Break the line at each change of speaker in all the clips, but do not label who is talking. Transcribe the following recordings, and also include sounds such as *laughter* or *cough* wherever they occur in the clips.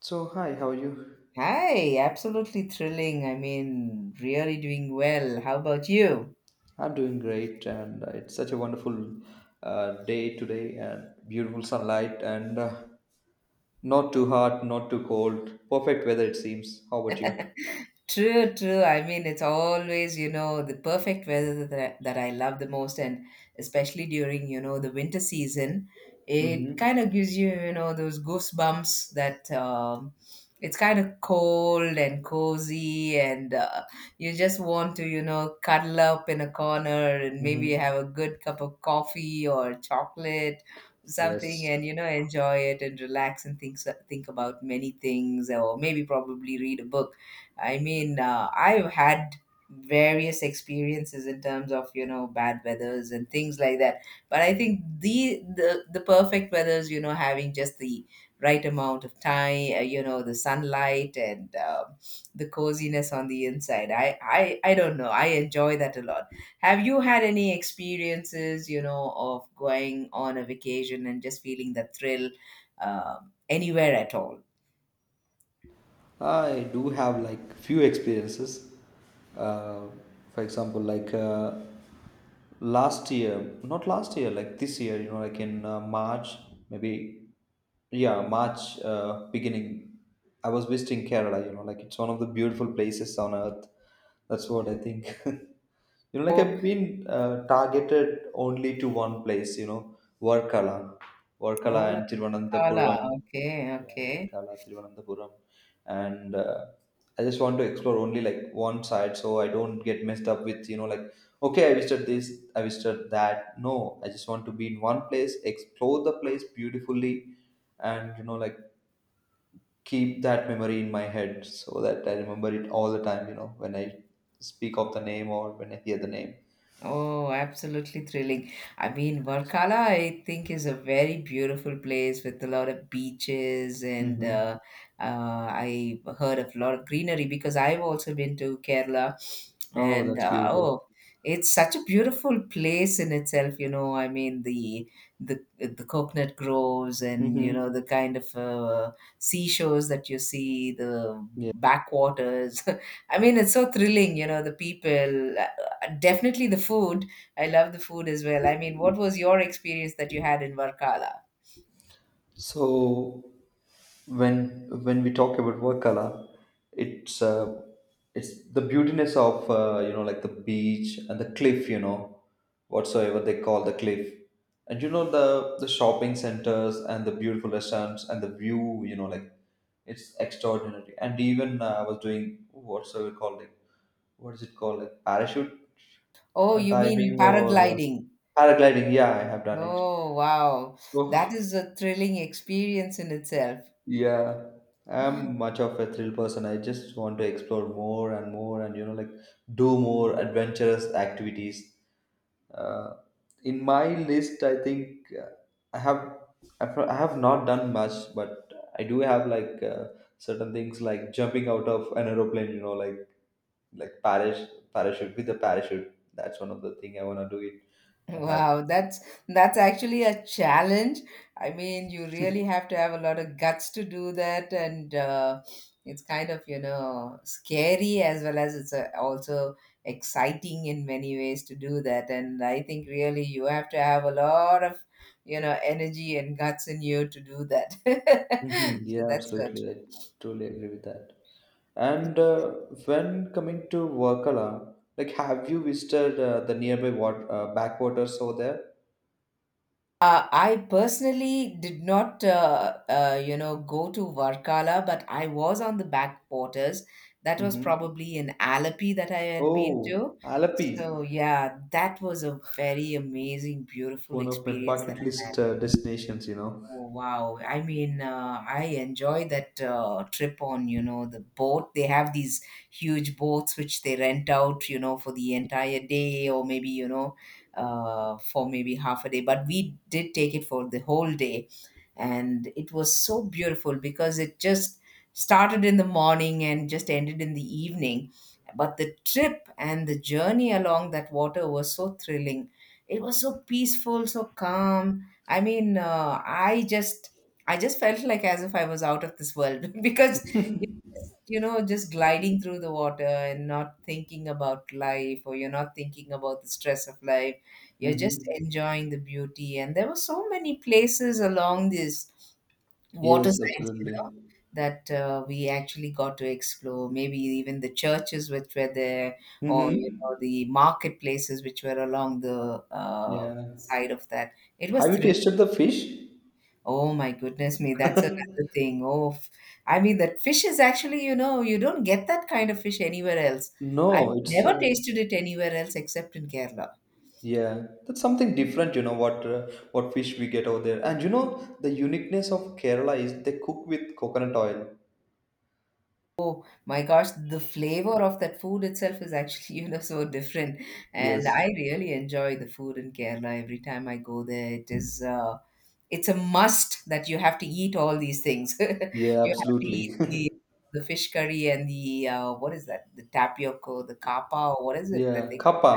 So, hi, how are you?
Hi, absolutely thrilling. I mean, really doing well. How about you?
I'm doing great, and it's such a wonderful day today, and beautiful sunlight, and not too hot, not too cold. Perfect weather, it seems. How about you?
True, true. I mean, it's always, you know, the perfect weather that I love the most, and especially during, you know, the winter season, it kind
Mm-hmm.
of gives you, you know, those goosebumps that. It's kind of cold and cozy, and you just want to, you know, cuddle up in a corner and maybe
Mm-hmm.
have a good cup of coffee or chocolate, something,
Yes.
and, you know, enjoy it and relax and think about many things, or maybe probably read a book. I mean, I've had various experiences in terms of, you know, bad weathers and things like that. But I think the perfect weathers, you know, having just the right amount of time, you know, the sunlight and the coziness on the inside. I don't know. I enjoy that a lot. Have you had any experiences, you know, of going on a vacation and just feeling the thrill anywhere at all?
I do have like few experiences. Uh, for example, like last year, not last year, like this year, you know, like in March, maybe, yeah, March beginning, I was visiting Kerala, you know, like it's one of the beautiful places on earth. That's what I think. *laughs* You know, like
Oh,
I've been uh, targeted only to one place, you know, Varkala. Varkala
oh.
and
Voilà,
Tiruvananthapuram.
okay,
Yeah,
okay.
Varkala, Tiruvananthapuram. And I just want to explore only like one side so I don't get messed up with, you know, like, okay, I visited this, I visited that. No, I just want to be in one place, explore the place beautifully, and, you know, like keep that memory in my head so that I remember it all the time, you know, when I speak of the name or when I hear the name.
Oh, absolutely thrilling. I mean, Varkala, I think, is a very beautiful place with a lot of beaches, and
Mm-hmm.
I heard of a lot of greenery because I've also been to Kerala,
Oh,
and
that's beautiful.
oh, it's such a beautiful place in itself. You know, I mean, the coconut groves, and you know, the
Mm-hmm.
kind of seashores that you see, the
Yeah.
backwaters. *laughs* I mean, it's so thrilling. You know, the people. Definitely the food. I love the food as well. I mean, what was your experience that you had in Varkala?
So when we talk about Wakala, it's uh, it's the beautiness of you know like the beach and the cliff, you know, whatsoever they call the cliff, and you know the shopping centers and the beautiful restaurants and the view, you know, like it's extraordinary. And even I was doing whatsoever called it? What is it called? Like parachute
Oh,
uh,
you mean
diving or
paragliding?
paragliding? Yeah, I have done it.
Oh, wow. That
So
is a thrilling experience in itself.
yeah, I'm much of a thrill person. I just want to explore more and more and, you know, like do more adventurous activities. Uh, in my list, I think I have I have not done much, but I do have like certain things like jumping out of an aeroplane, you know, like like parachute with a parachute. That's one of the thing I want to do it. I have.
Wow, that's actually a challenge. I mean, you really have to have a lot of guts to do that, and it's kind of, you know, scary as well as it's also exciting in many ways to do that. And I think really you have to have a lot of, you know, energy and guts in you to do that. *laughs*
*laughs*
So
Yeah,
that's
absolutely.
true.
I truly agree with that. And when coming to Wakala, like have you visited uh, the nearby backwaters over there?
I personally did not, you know, go to Varkala, but I was on the back waters. That was
Mm-hmm.
probably in Alleppey that I had been
Oh,
to.
Alapi,
So yeah, that was a very amazing, beautiful
one of my
experience that
bucket
I had.
list destinations, you know.
Oh, wow. I mean, I enjoy that trip on, you know, the boat. They have these huge boats which they rent out, you know, for the entire day or maybe, you know, for maybe half a day. But we did take it for the whole day and it was so beautiful because it just started in the morning and just ended in the evening, but the trip and the journey along that water was so thrilling. It was so peaceful, so calm. I mean, I just, I just felt like as if I was out of this world, *laughs* because, you know, just gliding through the water and not thinking about life, or you're not thinking about the stress of life. You're just
Mm-hmm.
enjoying the beauty. And there were so many places along this
Yes,
waterside, you know,
absolutely.
that we actually got to explore. Maybe even the churches which were there, or you
Mm-hmm.
know, the marketplaces which were along the
Yeah.
side of that. It was
Have you
thrilling.
tasted the fish?
Oh my goodness me, that's another thing. I mean, that fish is actually, you know, you don't get that kind of fish anywhere else. I've
No, it's
never tasted it anywhere else except in Kerala.
yeah, that's something different, you know, what fish we get over there. And you know, the uniqueness of Kerala is they cook with coconut oil.
Oh my gosh, the flavor of that food itself is actually, *laughs* you know, so different. And
Yes.
I really enjoy the food in Kerala every time I go there. It is, it's a must that you have to eat all these things. *laughs*
Yeah,
You have to
absolutely.
eat
*laughs*
the fish curry and the what is that? The tapioca, the kappa, or what is it that
Yeah,
they call
kappa.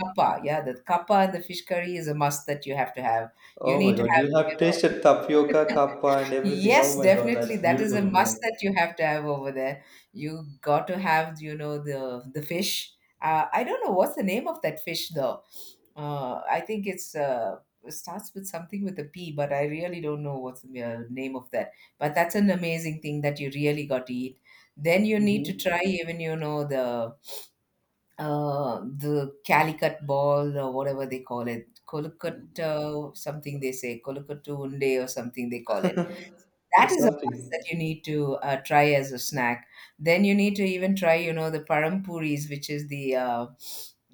kappa? Yeah, the kappa and the fish curry is a must that you have to have. You
Oh my
need to
God,
have,
you
you
have
know.
tasted tapioca, kappa, and everything.
Yes,
Oh my God,
definitely.
that's
That is
beautiful.
a
You know,
must
like
that you have to have over there. You got to have, you know, the fish. I don't know what's the name of that fish though. I think it's it starts with something with a P, but I really don't know what's the name of that. But that's an amazing thing that you really got to eat. Then you need
hmm
to try even, you know, the Calicut ball or whatever they call it, Colicut something they say, Colicut Unde or something they call it.
*laughs*
That
that's
is a must that
something.
you need to try as a snack. Then you need to even try, you know, the parampuris, which is uh,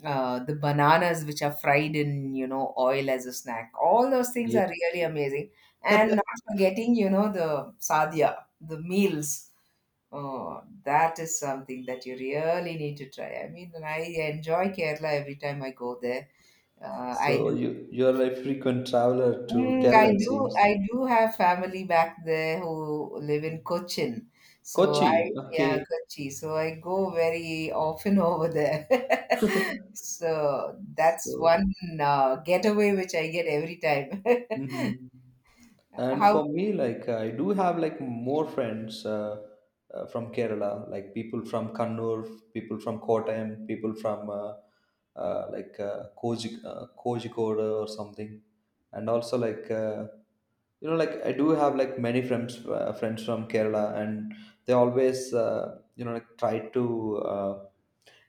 uh, the bananas which are fried in, you know, oil as a snack. All those things
Yeah.
are really amazing, and not forgetting, you know, the sadhya, the meals. Oh, that is something that you really need to try. I mean, I enjoy Kerala every time I go there. I
So
do.
you're a frequent traveler to
Mm,
Kerala,
I
it
do.
seems.
I do have family back there who live in Cochin. So I,
Kochi.
yeah,
Okay.
Kochi. So I go very often over there. *laughs*
*laughs*
So that's one
So
getaway which I get every time.
hmm. And
*laughs*
for me, like I do have like more friends from Kerala, like people from Kannur, people from Kottayam, people from Koji, Kozhikode or something, and also like you know, like I do have like many friends from Kerala, and they always you know like try to uh,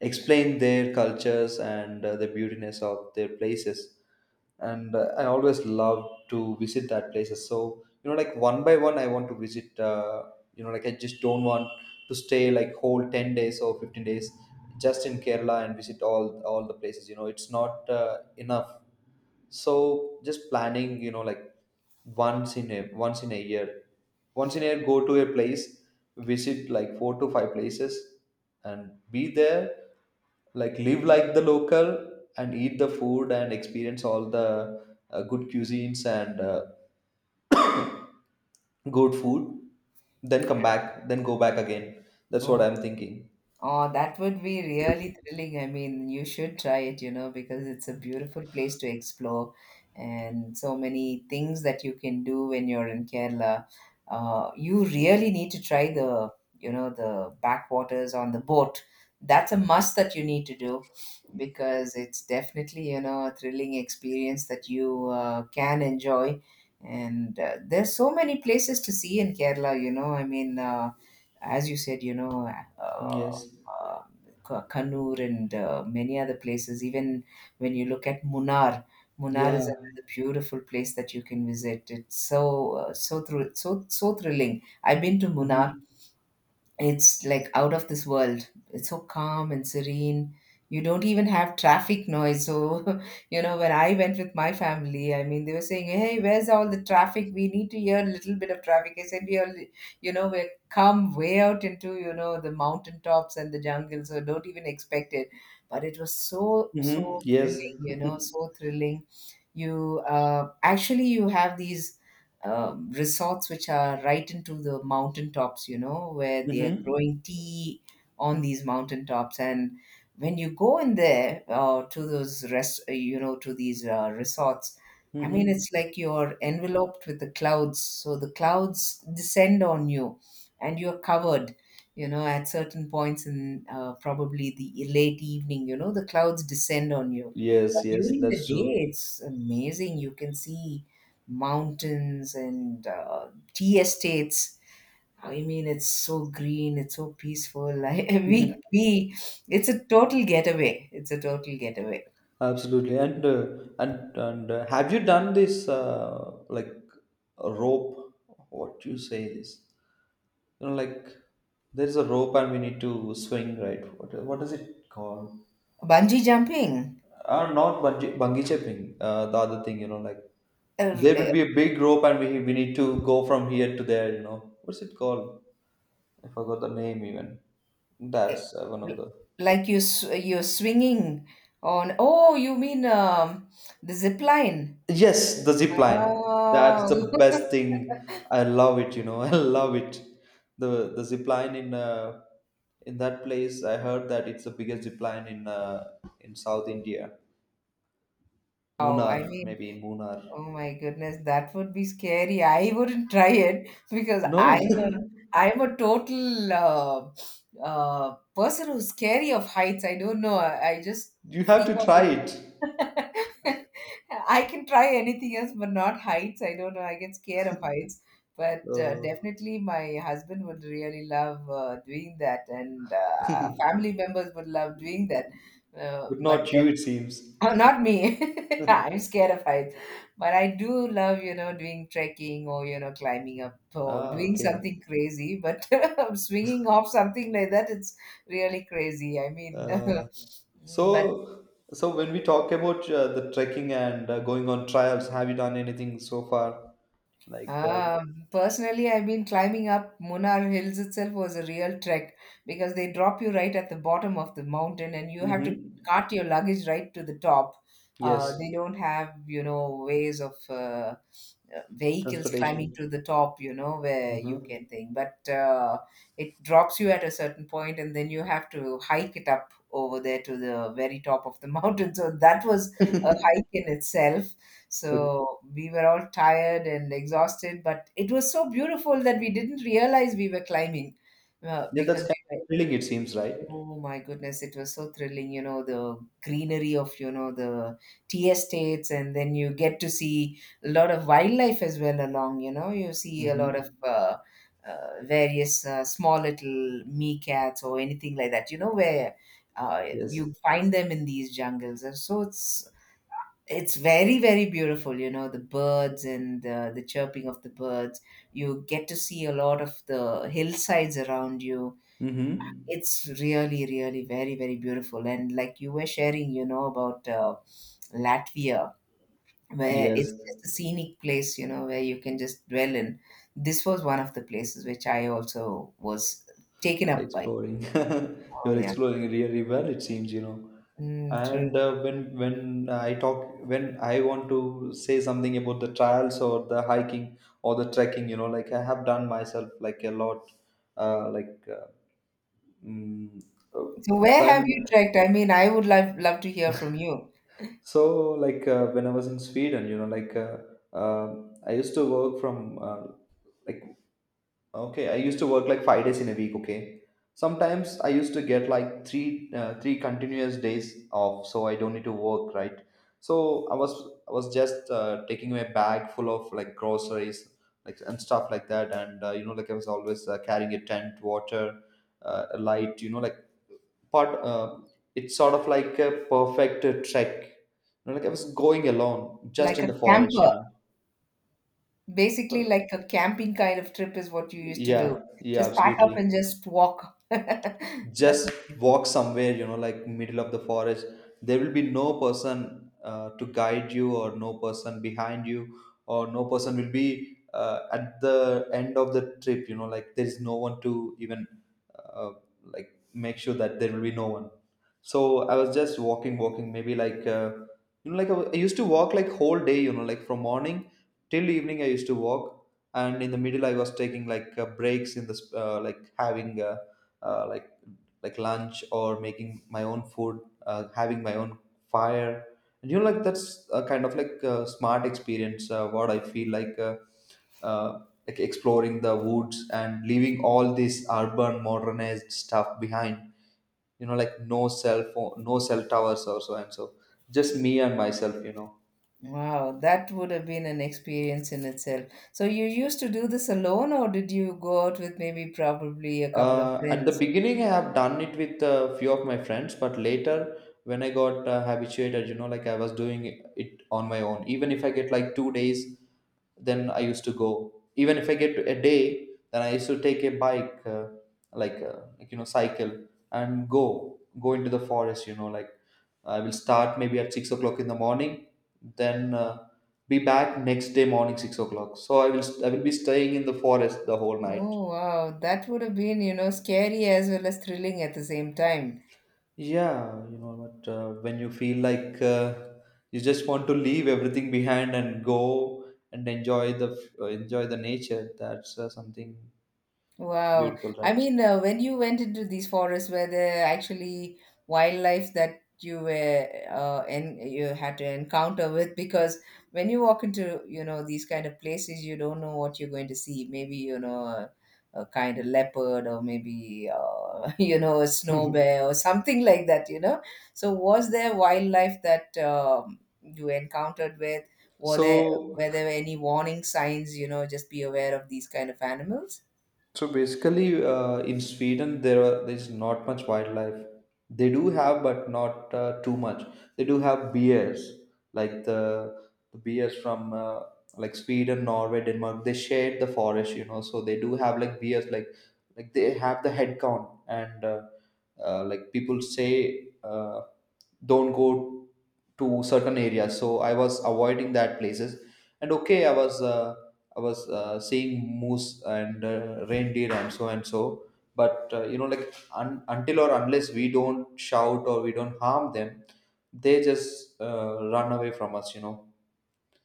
explain their cultures and the beautiness of their places and I always love to visit that places, so you know like one by one I want to visit, you know like I just don't want to stay like whole 10 days or 15 days just in kerala and visit all the places, you know it's not enough, so just planning you know like once in a year, go to a place, visit like 4 to 5 places and be there, like live like the local and eat the food and experience all the good cuisines and good food, then come back then go back again. That's what
How?
I'm thinking.
Oh, that would be really thrilling. I mean, you should try it, you know, because it's a beautiful place to explore and so many things that you can do when you're in Kerala. You really need to try the, you know, the backwaters on the boat. That's a must that you need to do because it's definitely, you know, a thrilling experience that you can enjoy. And there's so many places to see in Kerala, you know. I mean, as you said, you know, uh,
Yes
um, Kannur and many other places. Even when you look at Munnar, Munnar is
yeah
another beautiful place that you can visit. It's so so so thrilling. I've been to Munnar.
mm-hmm.
It's like out of this world. It's so calm and serene. You don't even have traffic noise, so *laughs* you know, when I went with my family, I mean, they were saying, hey, where's all the traffic? We need to hear a little bit of traffic. I said, we are, you know, we're come way out into, you know, the mountain tops and the jungle, so don't even expect it. But it was so
Mm-hmm.
so
Yes
thrilling, you know, so
*laughs*
thrilling. You actually, you have these resorts which are right into the mountaintops, you know, where they are
mm-hmm.
growing tea on these mountaintops. And when you go in there to those rest you know, to these resorts, I mean,
Mm-hmm.
it's like you're enveloped with the clouds, so the clouds descend on you and you're covered, you know, at certain points in, probably the late evening, you know, the clouds descend on you.
Yes,
But
yes,
during the
that's true.
day, it's amazing. You can see mountains and tea estates. I mean, it's so green, it's so peaceful. *laughs*
*laughs*
It's a total getaway. It's a total getaway.
Absolutely. And have you done this like a rope? What do you say is, you know like there is a rope and we need to swing, right? What is it called?
Bungee jumping,
Not bungee jumping. The other thing, you know like
uh,
there
uh,
will be a big rope and we need to go from here to there. You know what's it called? I forgot the name even.
uh,
That's one of the.
like you, you're swinging on. Oh, you mean the zip line?
Yes, the zip line. That's
Oh,
the best thing. I
*laughs*
love it, you know. *laughs* I love it. The zip line in in that place, I heard that it's the biggest zip line in in South India.
oh, I
Munnar,
mean.
maybe in Munnar.
Oh my goodness, that would be scary. I wouldn't try it *laughs* because
No,
I'm a total person who's scary of heights. I don't know. I just
*laughs* you have
freak
to
out
try
when
it.
*laughs* I can try anything else, but not heights. I don't know. I get scared of heights, but
Uh,
definitely my husband would really love doing that, and family members would love doing that.
but
But
not
*laughs*
you, it seems.
oh, not me. *laughs* I'm scared of heights, but I do love, you know, doing trekking or, you know, climbing up or
Ah,
doing
okay.
something crazy. But *laughs* swinging off something like that, it's really crazy. I mean,
Uh,
*laughs* but
so so when we talk about the trekking and going on trials, have you done anything so far? Like,
um, personally, I mean, climbing up Munnar Hills itself was a real trek because they drop you right at the bottom of the mountain and you have to
mm-hmm.
cart your luggage right to the top.
Yes,
They don't have, you know, ways of vehicles climbing
transportation.
to the top, you know, where you
Mm-hmm.
can think. But it drops you at a certain point and then you have to hike it up over there to the very top of the *laughs* mountain. So that was a hike in itself,
Like,
so we were all tired and exhausted, but it was so beautiful that we didn't realize we were climbing
yeah, that's
because
kind
we were,
of thrilling, it seems, right?
oh my goodness, it was so thrilling, you know, the greenery of, you know, the tea estates. And then you get to see a lot of wildlife as well along, you know, you see a lot of
Mm-hmm.
various small little meerkats or anything like that, you know, where uh,
Yes.
you find them in these jungles. And so it's very, very beautiful, you know, the birds and the chirping of the birds. You get to see a lot of the hillsides around you.
Mm-hmm.
It's really, really very, very beautiful. And like you were sharing, you know, about Latvia, where
Yes,
it's just a scenic place, you know, where you can just dwell in. This was one of the places which I also was taken up by.
exploring. *laughs*
Oh,
You're
yeah.
exploring really well, it seems, you know.
Mm, true.
And when I talk, when I want to say something about the trials or the hiking or the trekking, you know, like I have done myself like a lot, like mm, uh,
So where have
when
you trekked? I mean, I would love to hear from you.
so, like when I was in Sweden, you know, I used to work from like okay, I used to work like 5 days in a week. Okay, sometimes I used to get like three continuous days off, so I don't need to work, right? So I was just taking my bag full of like groceries, like and stuff like that, and you know, like I was always carrying a tent, water, a light, you know, like part it's sort of like a perfect trek, you know, like I was going alone just
Like
in
a
the forest,
camper.
you know.
Basically,
So,
like a camping kind of trip is what you used to do.
yeah, yeah,
Just pack up and
absolutely,
just walk. *laughs* That's
just
amazing.
walk somewhere, you know, like middle of the forest. There will be no person to guide you, or no person behind you, or no person will be at the end of the trip, you know, like there is no one to even uh, like make sure that there will be no one. So I was just walking, walking, maybe you know like I used to walk like whole day, you know, like from morning till evening I used to walk, and in the middle I was taking like breaks in this like having uh, like like lunch or making my own food, having my own fire, and you know like that's a kind of like a smart experience what I feel like uh, like exploring the woods and leaving all this urban modernized stuff behind, you know, like no cell phone, no cell towers or so and so, just me and myself, you know.
Wow, that would have been an experience in itself. So you used to do this alone, or did you go out with maybe probably a couple of
At the
friends?
beginning, I have done it with a few of my friends, but later, when I got habituated, you know, like I was doing it on my own. Even if I get like 2 days, then I used to go. Even if I get a day, then I used to take a bike, you know, cycle and go into the forest. You know, like I will start maybe at 6 o'clock in the morning, then be back next day morning 6 o'clock. So I will be staying in the forest the whole night.
Oh, wow, that would have been, you know, scary as well as thrilling at the same time.
Yeah, you know what? When you feel like you just want to leave everything behind and go and enjoy the nature, that's something
Wow.
beautiful,
I
right?
mean, when you went into these forests, were there actually wildlife that you were and you had to encounter with? Because when you walk into, you know, these kind of places, you don't know what you're going to see. Maybe, you know, a kind of leopard or maybe, *laughs* you know, a snow bear or something like that, you know? So was there wildlife that you encountered with? Were there,
So
were there any warning signs, you know, just be aware of these kind of animals?
so basically, in Sweden, there's not much wildlife. They do have, but not too much. They do have bears, like the bears from like Sweden, Norway, Denmark. They share the forest, you know. So they do have like bears, like they have the head count, and people say, don't go to certain areas. So I was avoiding that places, and okay, I was. I was seeing moose and reindeer and so and so. But you know, like until or unless we don't shout or we don't harm them, they just run away from us. You know,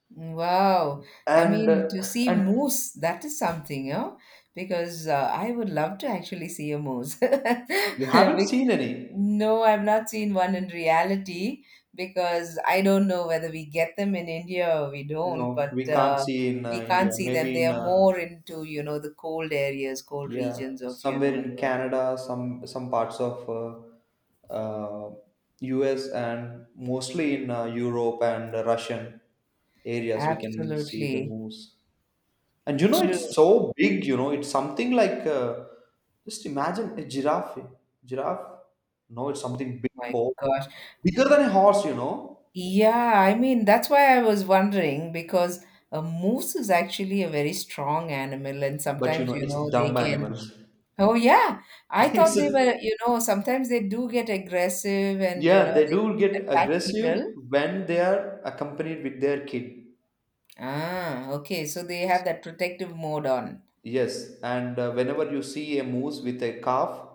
Wow. I
and
mean, to see
and
moose, that is something, you know, because I would love to actually see a moose. *laughs*
we haven't
Bec-
seen any.
No, I've not seen one in reality because I don't know whether we get them in India or we don't,
No,
but
we can't see in
we
India.
can't see them.
Maybe
They
in
are
uh,
more into, you know, the cold areas, cold
yeah,
regions of, you know,
somewhere
the
in
world.
Canada, some parts of U.S. and mostly in Europe and Russian areas, we can see the
Absolutely
moose. And you know,
true.
it's so big, you know, it's something like just imagine a giraffe. Eh? Giraffe? No, it's something big,
My God.
bigger than a horse, you know.
Yeah, I mean, that's why I was wondering because a moose is actually a very strong animal, and
But you
sometimes,
know,
you
it's
know, they
dumb
can.
animals.
Oh, yeah.
*laughs*
I thought
it's a,
they were, you know, sometimes they do get aggressive and, you know,
yeah, they
they can
do get
attack people.
aggressive when they are accompanied with their kid.
Ah, okay. So they have that protective mode on.
Yes, and whenever you see a moose with a calf,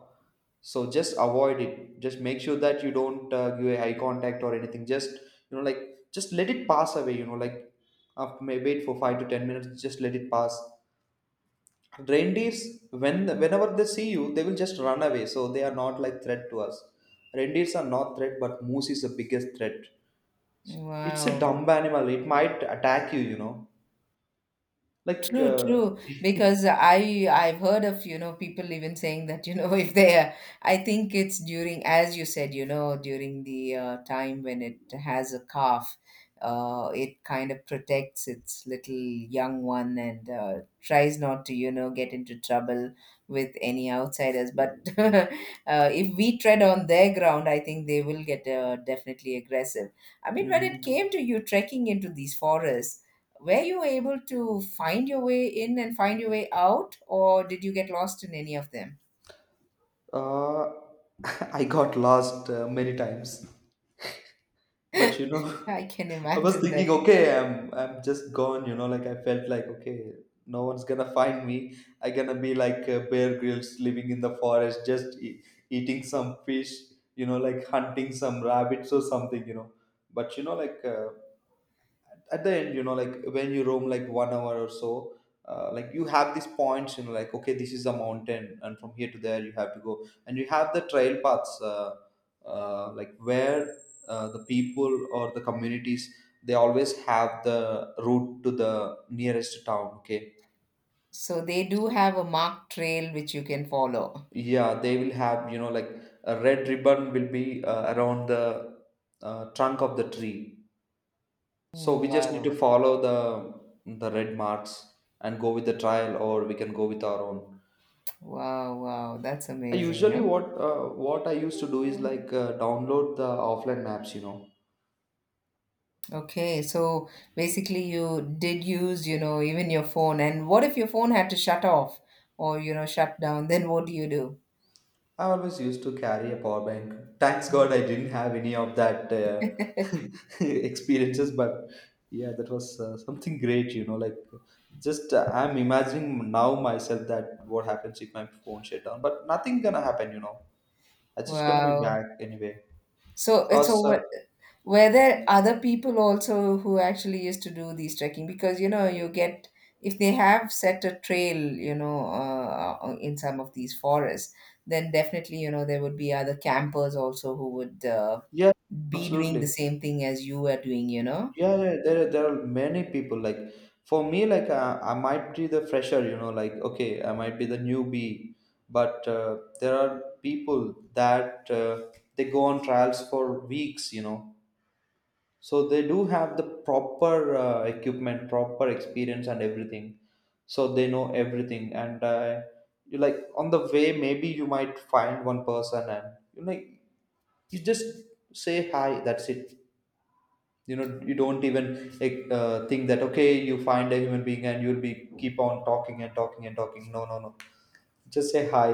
so just avoid it. Just make sure that you don't give eye contact or anything. Just like just let it pass away. Like after may wait for 5 to 10 minutes. Just let it pass. Reindeers, whenever they see you, they will just run away. So they are not like threat to us. Reindeers are not threat, but moose is the biggest threat. It's a
Wow.
dumb animal. It might attack you. You know, like.
True, true.
*laughs*
Because I've heard of, you know, people even saying that, you know, *laughs* if they are I think it's during, as you said, you know, during the time when it has a calf, it kind of protects its little young one and tries not to, you know, get into trouble with any outsiders. But *laughs* if we tread on their ground, I think they will get definitely aggressive. I mean, when it came
Mhm.
to you trekking into these forests, were you able to find your way in and find your way out, or did you get lost in any of them?
Uh, *laughs* I got lost many times, but
*laughs* I can
*laughs* I was
imagine that.
thinking, okay, I'm just gone. Like I felt like, okay, no one's gonna find me. I gonna be like Bear Grylls living in the forest, just eating some fish. Like hunting some rabbits or something. But at the end, like when you roam like one hour or so, like you have these points, like, okay, this is a mountain, and from here to there you have to go, and you have the trail paths, like where the people or the communities, they always have the route to the nearest town. Okay,
So they do
so,
have a marked trail which you can follow.
yeah, they will have, like, a red ribbon will be around the trunk of the tree. So
Mm,
we just need to
wow,
follow the red marks and go with the trial, or we can go with our own.
wow, wow. That's
I
amazing,
usually,
huh?
what I used to do is like download the offline maps, you know.
Okay, so basically you did use, you know, even your phone. And what if your phone had to shut off or, you know, shut down? Then what do you do?
I always used to carry a power bank. Thanks God, I didn't have any of that *laughs* experiences. But yeah, that was something great. Like just I'm imagining now myself that what happens if my phone shut down. But nothing gonna happen. You know, I just gonna be
Wow.
back anyway.
So it's
Cause
over. Were there other people also who actually used to do these trekking? Because you know, you get if they have set a trail, you know, in some of these forests, then definitely you know there would be other campers also who would
yeah,
be doing the
absolutely.
same thing as you are doing. You know.
Yeah, yeah. There are many people. Like for me, like I might be the fresher, you know. Like, okay, I might be the newbie, but there are people that they go on trials for weeks, you know. So they do have the proper equipment, proper experience, and everything. So they know everything, and you like on the way, maybe you might find one person, and you like you just say hi. That's it, you know, you don't even like, think that, okay, you find a human being and you'll be keep on talking and talking and talking. No, no, no, just say hi,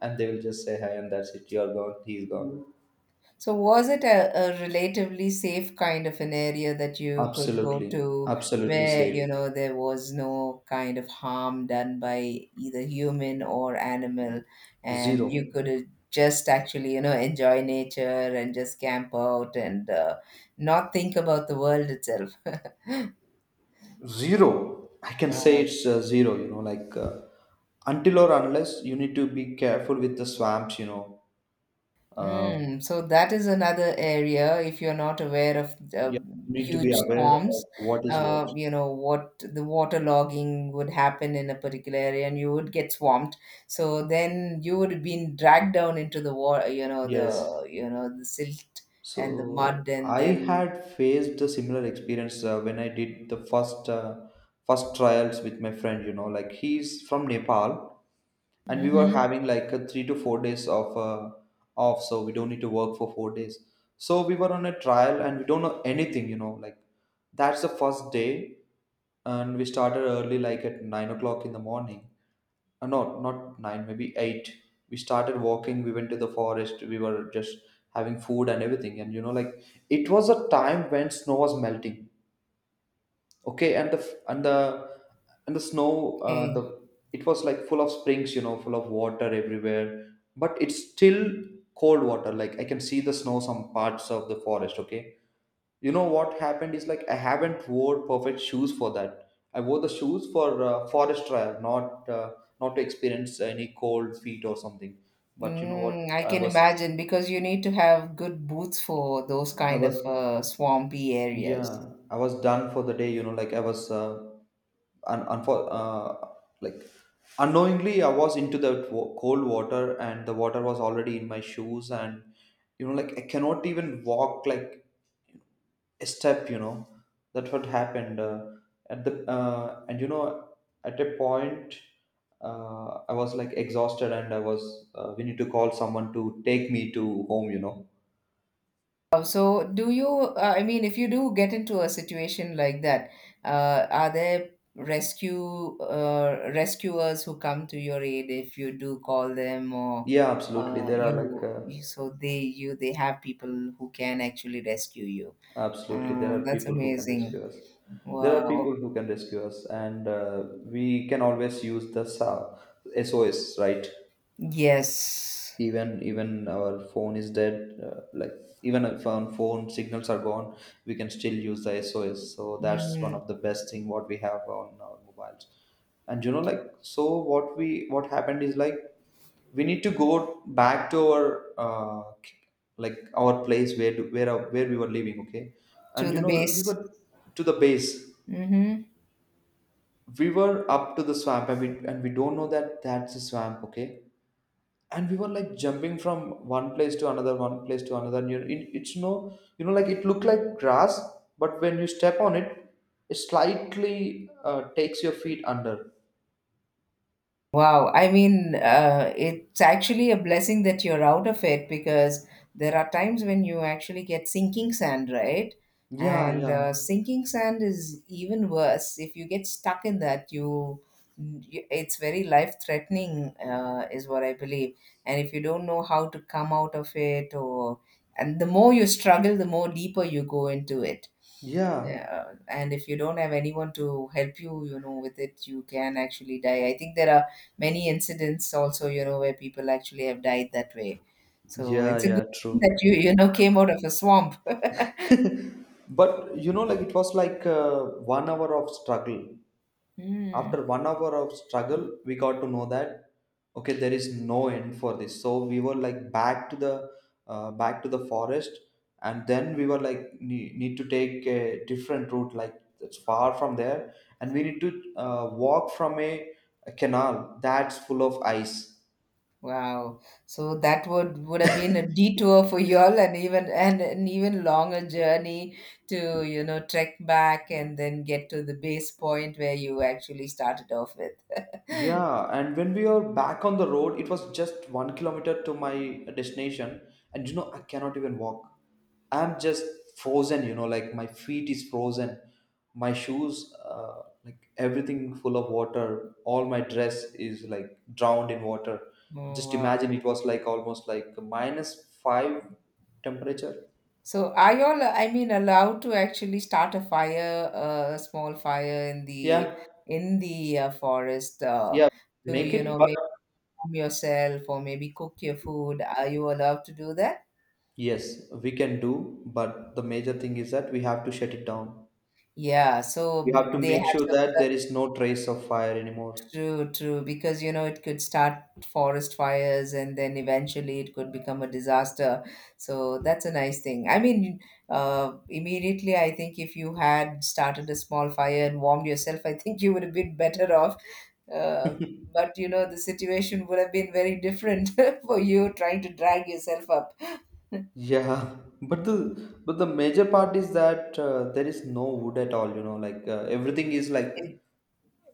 and they will just say hi, and that's it. You're gone. He's gone.
So was it a relatively safe kind of an area that you could go
Absolutely.
to
Absolutely
where, you
safe.
know, there was no kind of harm done by either human or animal,
Zero.
and you could just actually, you know, enjoy nature and just camp out and not think about the world itself? *laughs*
Zero, I can say
Wow.
it's zero, like, until or unless you need to be careful with the swamps, you know. uh,
Mm, so that is another area. If you're not aware of the
yeah, you need to be
huge
aware of
storms,
what is what.
you know what the water logging would happen in a particular area, and you would get swamped. So then you would have been dragged down into the water. You know
Yes.
the silt and the mud,
So
and
I
then.
had faced a similar experience when I did the first trials with my friend. You know, like he's from Nepal, and we were
Mm-hmm.
having like a 3 to 4 days of off, so we don't need to work for 4 days. So we were on a trial, and we don't know anything. You know, like that's the first day, and we started early, like at 9 o'clock in the morning, no, not nine, maybe eight. We started walking. We went to the forest. We were just having food and everything. And you know, like it was a time when snow was melting. Okay, and the f- and the snow,
Okay.
the it was like full of springs. You know, full of water everywhere. But it's still cold water. Like I can see the snow some parts of the forest. Okay, you know what happened is, like, I haven't wore perfect shoes for that. I wore the shoes for forest trial, not to experience any cold feet or something. But you know what,
Mm, I
i
can
was
imagine because you need to have good boots for those
I
kind
was
of swampy
yeah,
areas.
I was done for the day, you know, like I was un- unfor- uh, like unknowingly I was into the cold water, and the water was already in my shoes. And, you know, like I cannot even walk, like step, you know. That's what happened, at the and you know, at a point, I was like exhausted, and I was, we need to call someone to take me to home, you know.
Oh, so, I mean, if you do get into a situation like that, are there rescue rescuers who come to your aid if you do call them or
Yeah, absolutely, there are, like,
you, you, so they, you, they have people who can actually rescue you.
absolutely there are
That's
people who can
amazing.
rescue us. There are
Wow.
people who can rescue us, and we can always use the SOS, right.
Yes.
Even our phone is dead, like, even if our phone signals are gone, we can still use the SOS. So that's one
Mm,
of the best thing what we have on our mobiles. And, you know, like, so what we, what happened is, like, we need to go back to our like, our place, where we were living. Okay.
to
And, you
the
know, like, we
base.
were to the base.
Mm-hmm.
We were up to the swamp, and we don't know that that's a swamp. Okay, and we were like jumping from one place to another, one place to another, and you, it, it's no, you know, like it looked like grass. But when you step on it, it slightly takes your feet under.
Wow, I mean, it's actually a blessing that you're out of it because there are times when you actually get sinking sand, right?
Yeah,
And
yeah,
sinking sand is even worse. If you get stuck in that, you it's very life threatening, is what I believe. And if you don't know how to come out of it, or and the more you struggle, the more deeper you go into it.
yeah,
Yeah, and if you don't have anyone to help you, you know, with it, you can actually die. I think there are many incidents also, you know, where people actually have died that way. So
yeah,
it's a good
yeah,
thing
true.
that you know, came out of a swamp. *laughs*
*laughs* But, you know, like, it was like one hour of struggle.
Hmm.
After one hour of struggle, we got to know that, okay, there is no end for this. So we were like back to the forest. And then we were like need to take a different route, like, it's far from there. And we need to walk from a canal that's full of ice.
Wow. So that would have
*laughs*
been a detour for you all and even and an even longer journey to, you know, trek back and then get to the base point where you actually started off with.
Yeah, and when we were back on the road, it was just 1 kilometer to my destination, and you know, I cannot even walk. I'm just frozen, you know, like my feet is frozen, my shoes, like everything full of water, all my dress is like drowned in water.
Oh
Just
wow.
imagine it was like almost like minus five temperature.
So are you all, I mean, allowed to actually start a fire, a small fire in the
Yeah,
forest
yeah,
to,
make
you
it,
know,
but
maybe warm yourself or maybe cook your food? Are you allowed to do that?
yes, we can do, but the major thing is that we have to shut it down.
Yeah, so
We have to
they
make
have
sure
some.
that there is no trace of fire anymore.
True, true. Because, you know, it could start forest fires and then eventually it could become a disaster. So that's a nice thing. I mean, immediately, I think if you had started a small fire and warmed yourself, I think you would have been better off. Uh, but, you know, the situation would have been very different *laughs* for you trying to drag yourself up. *laughs*
Yeah, *laughs* but the but the major part is that there is no wood at all. You know, like everything is like
It,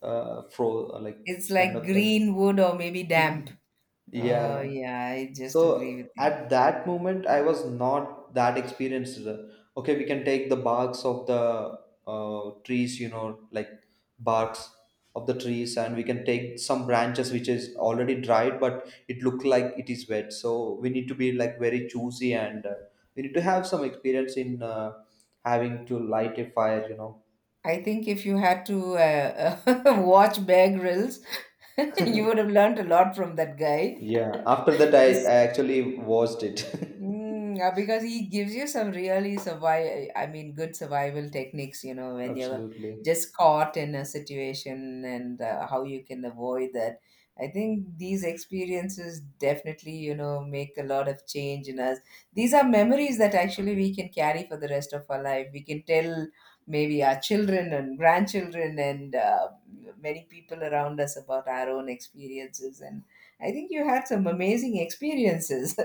fro like
it's
kind
like
of like,
green wood or maybe damp.
*laughs*
Oh,
yeah.
yeah, I just
So
agree with you.
at that moment, I was not that experienced. Okay, we can take the barks of the trees, you know, like, barks of the trees, and we can take some branches which is already dried, but it look like it is wet. So we need to be like very choosy, and we need to have some experience in having to light a fire, you know.
I think if you had to *laughs* watch Bear Grylls, *laughs* you would have learned a lot from that guy.
Yeah. After that,
*laughs*
I,
This.
I actually watched it. *laughs*
Mm, because he gives you some really survive, I mean, good survival techniques, you know, when you're
Absolutely.
just caught in a situation and how you can avoid that. I think these experiences definitely, you know, make a lot of change in us. These are memories that actually we can carry for the rest of our life. We can tell maybe our children and grandchildren and many people around us about our own experiences. And I think you had some amazing experiences.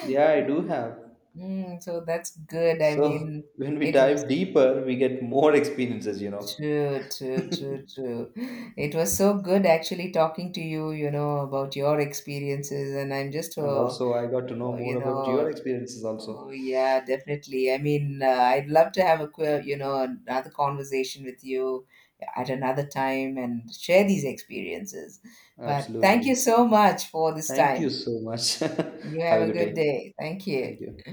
Yeah, I do have.
Mm, so that's good. I
So
mean,
when we
it was
dive deeper, we get more experiences, you know.
true, true,
*laughs*
true, true. It was so good actually talking to you, you know, about your experiences. And I'm just,
And also, I got to know
uh, you
more about your
know,
experiences,
oh,
also.
yeah, definitely. I mean, I'd love to have you know, another conversation with you at another time and share these experiences. But thank
Absolutely.
you so much for this
Thank you
time.
so much. *laughs*
You
Have a
have a
good
good
day.
day. Thank you.
Thank you.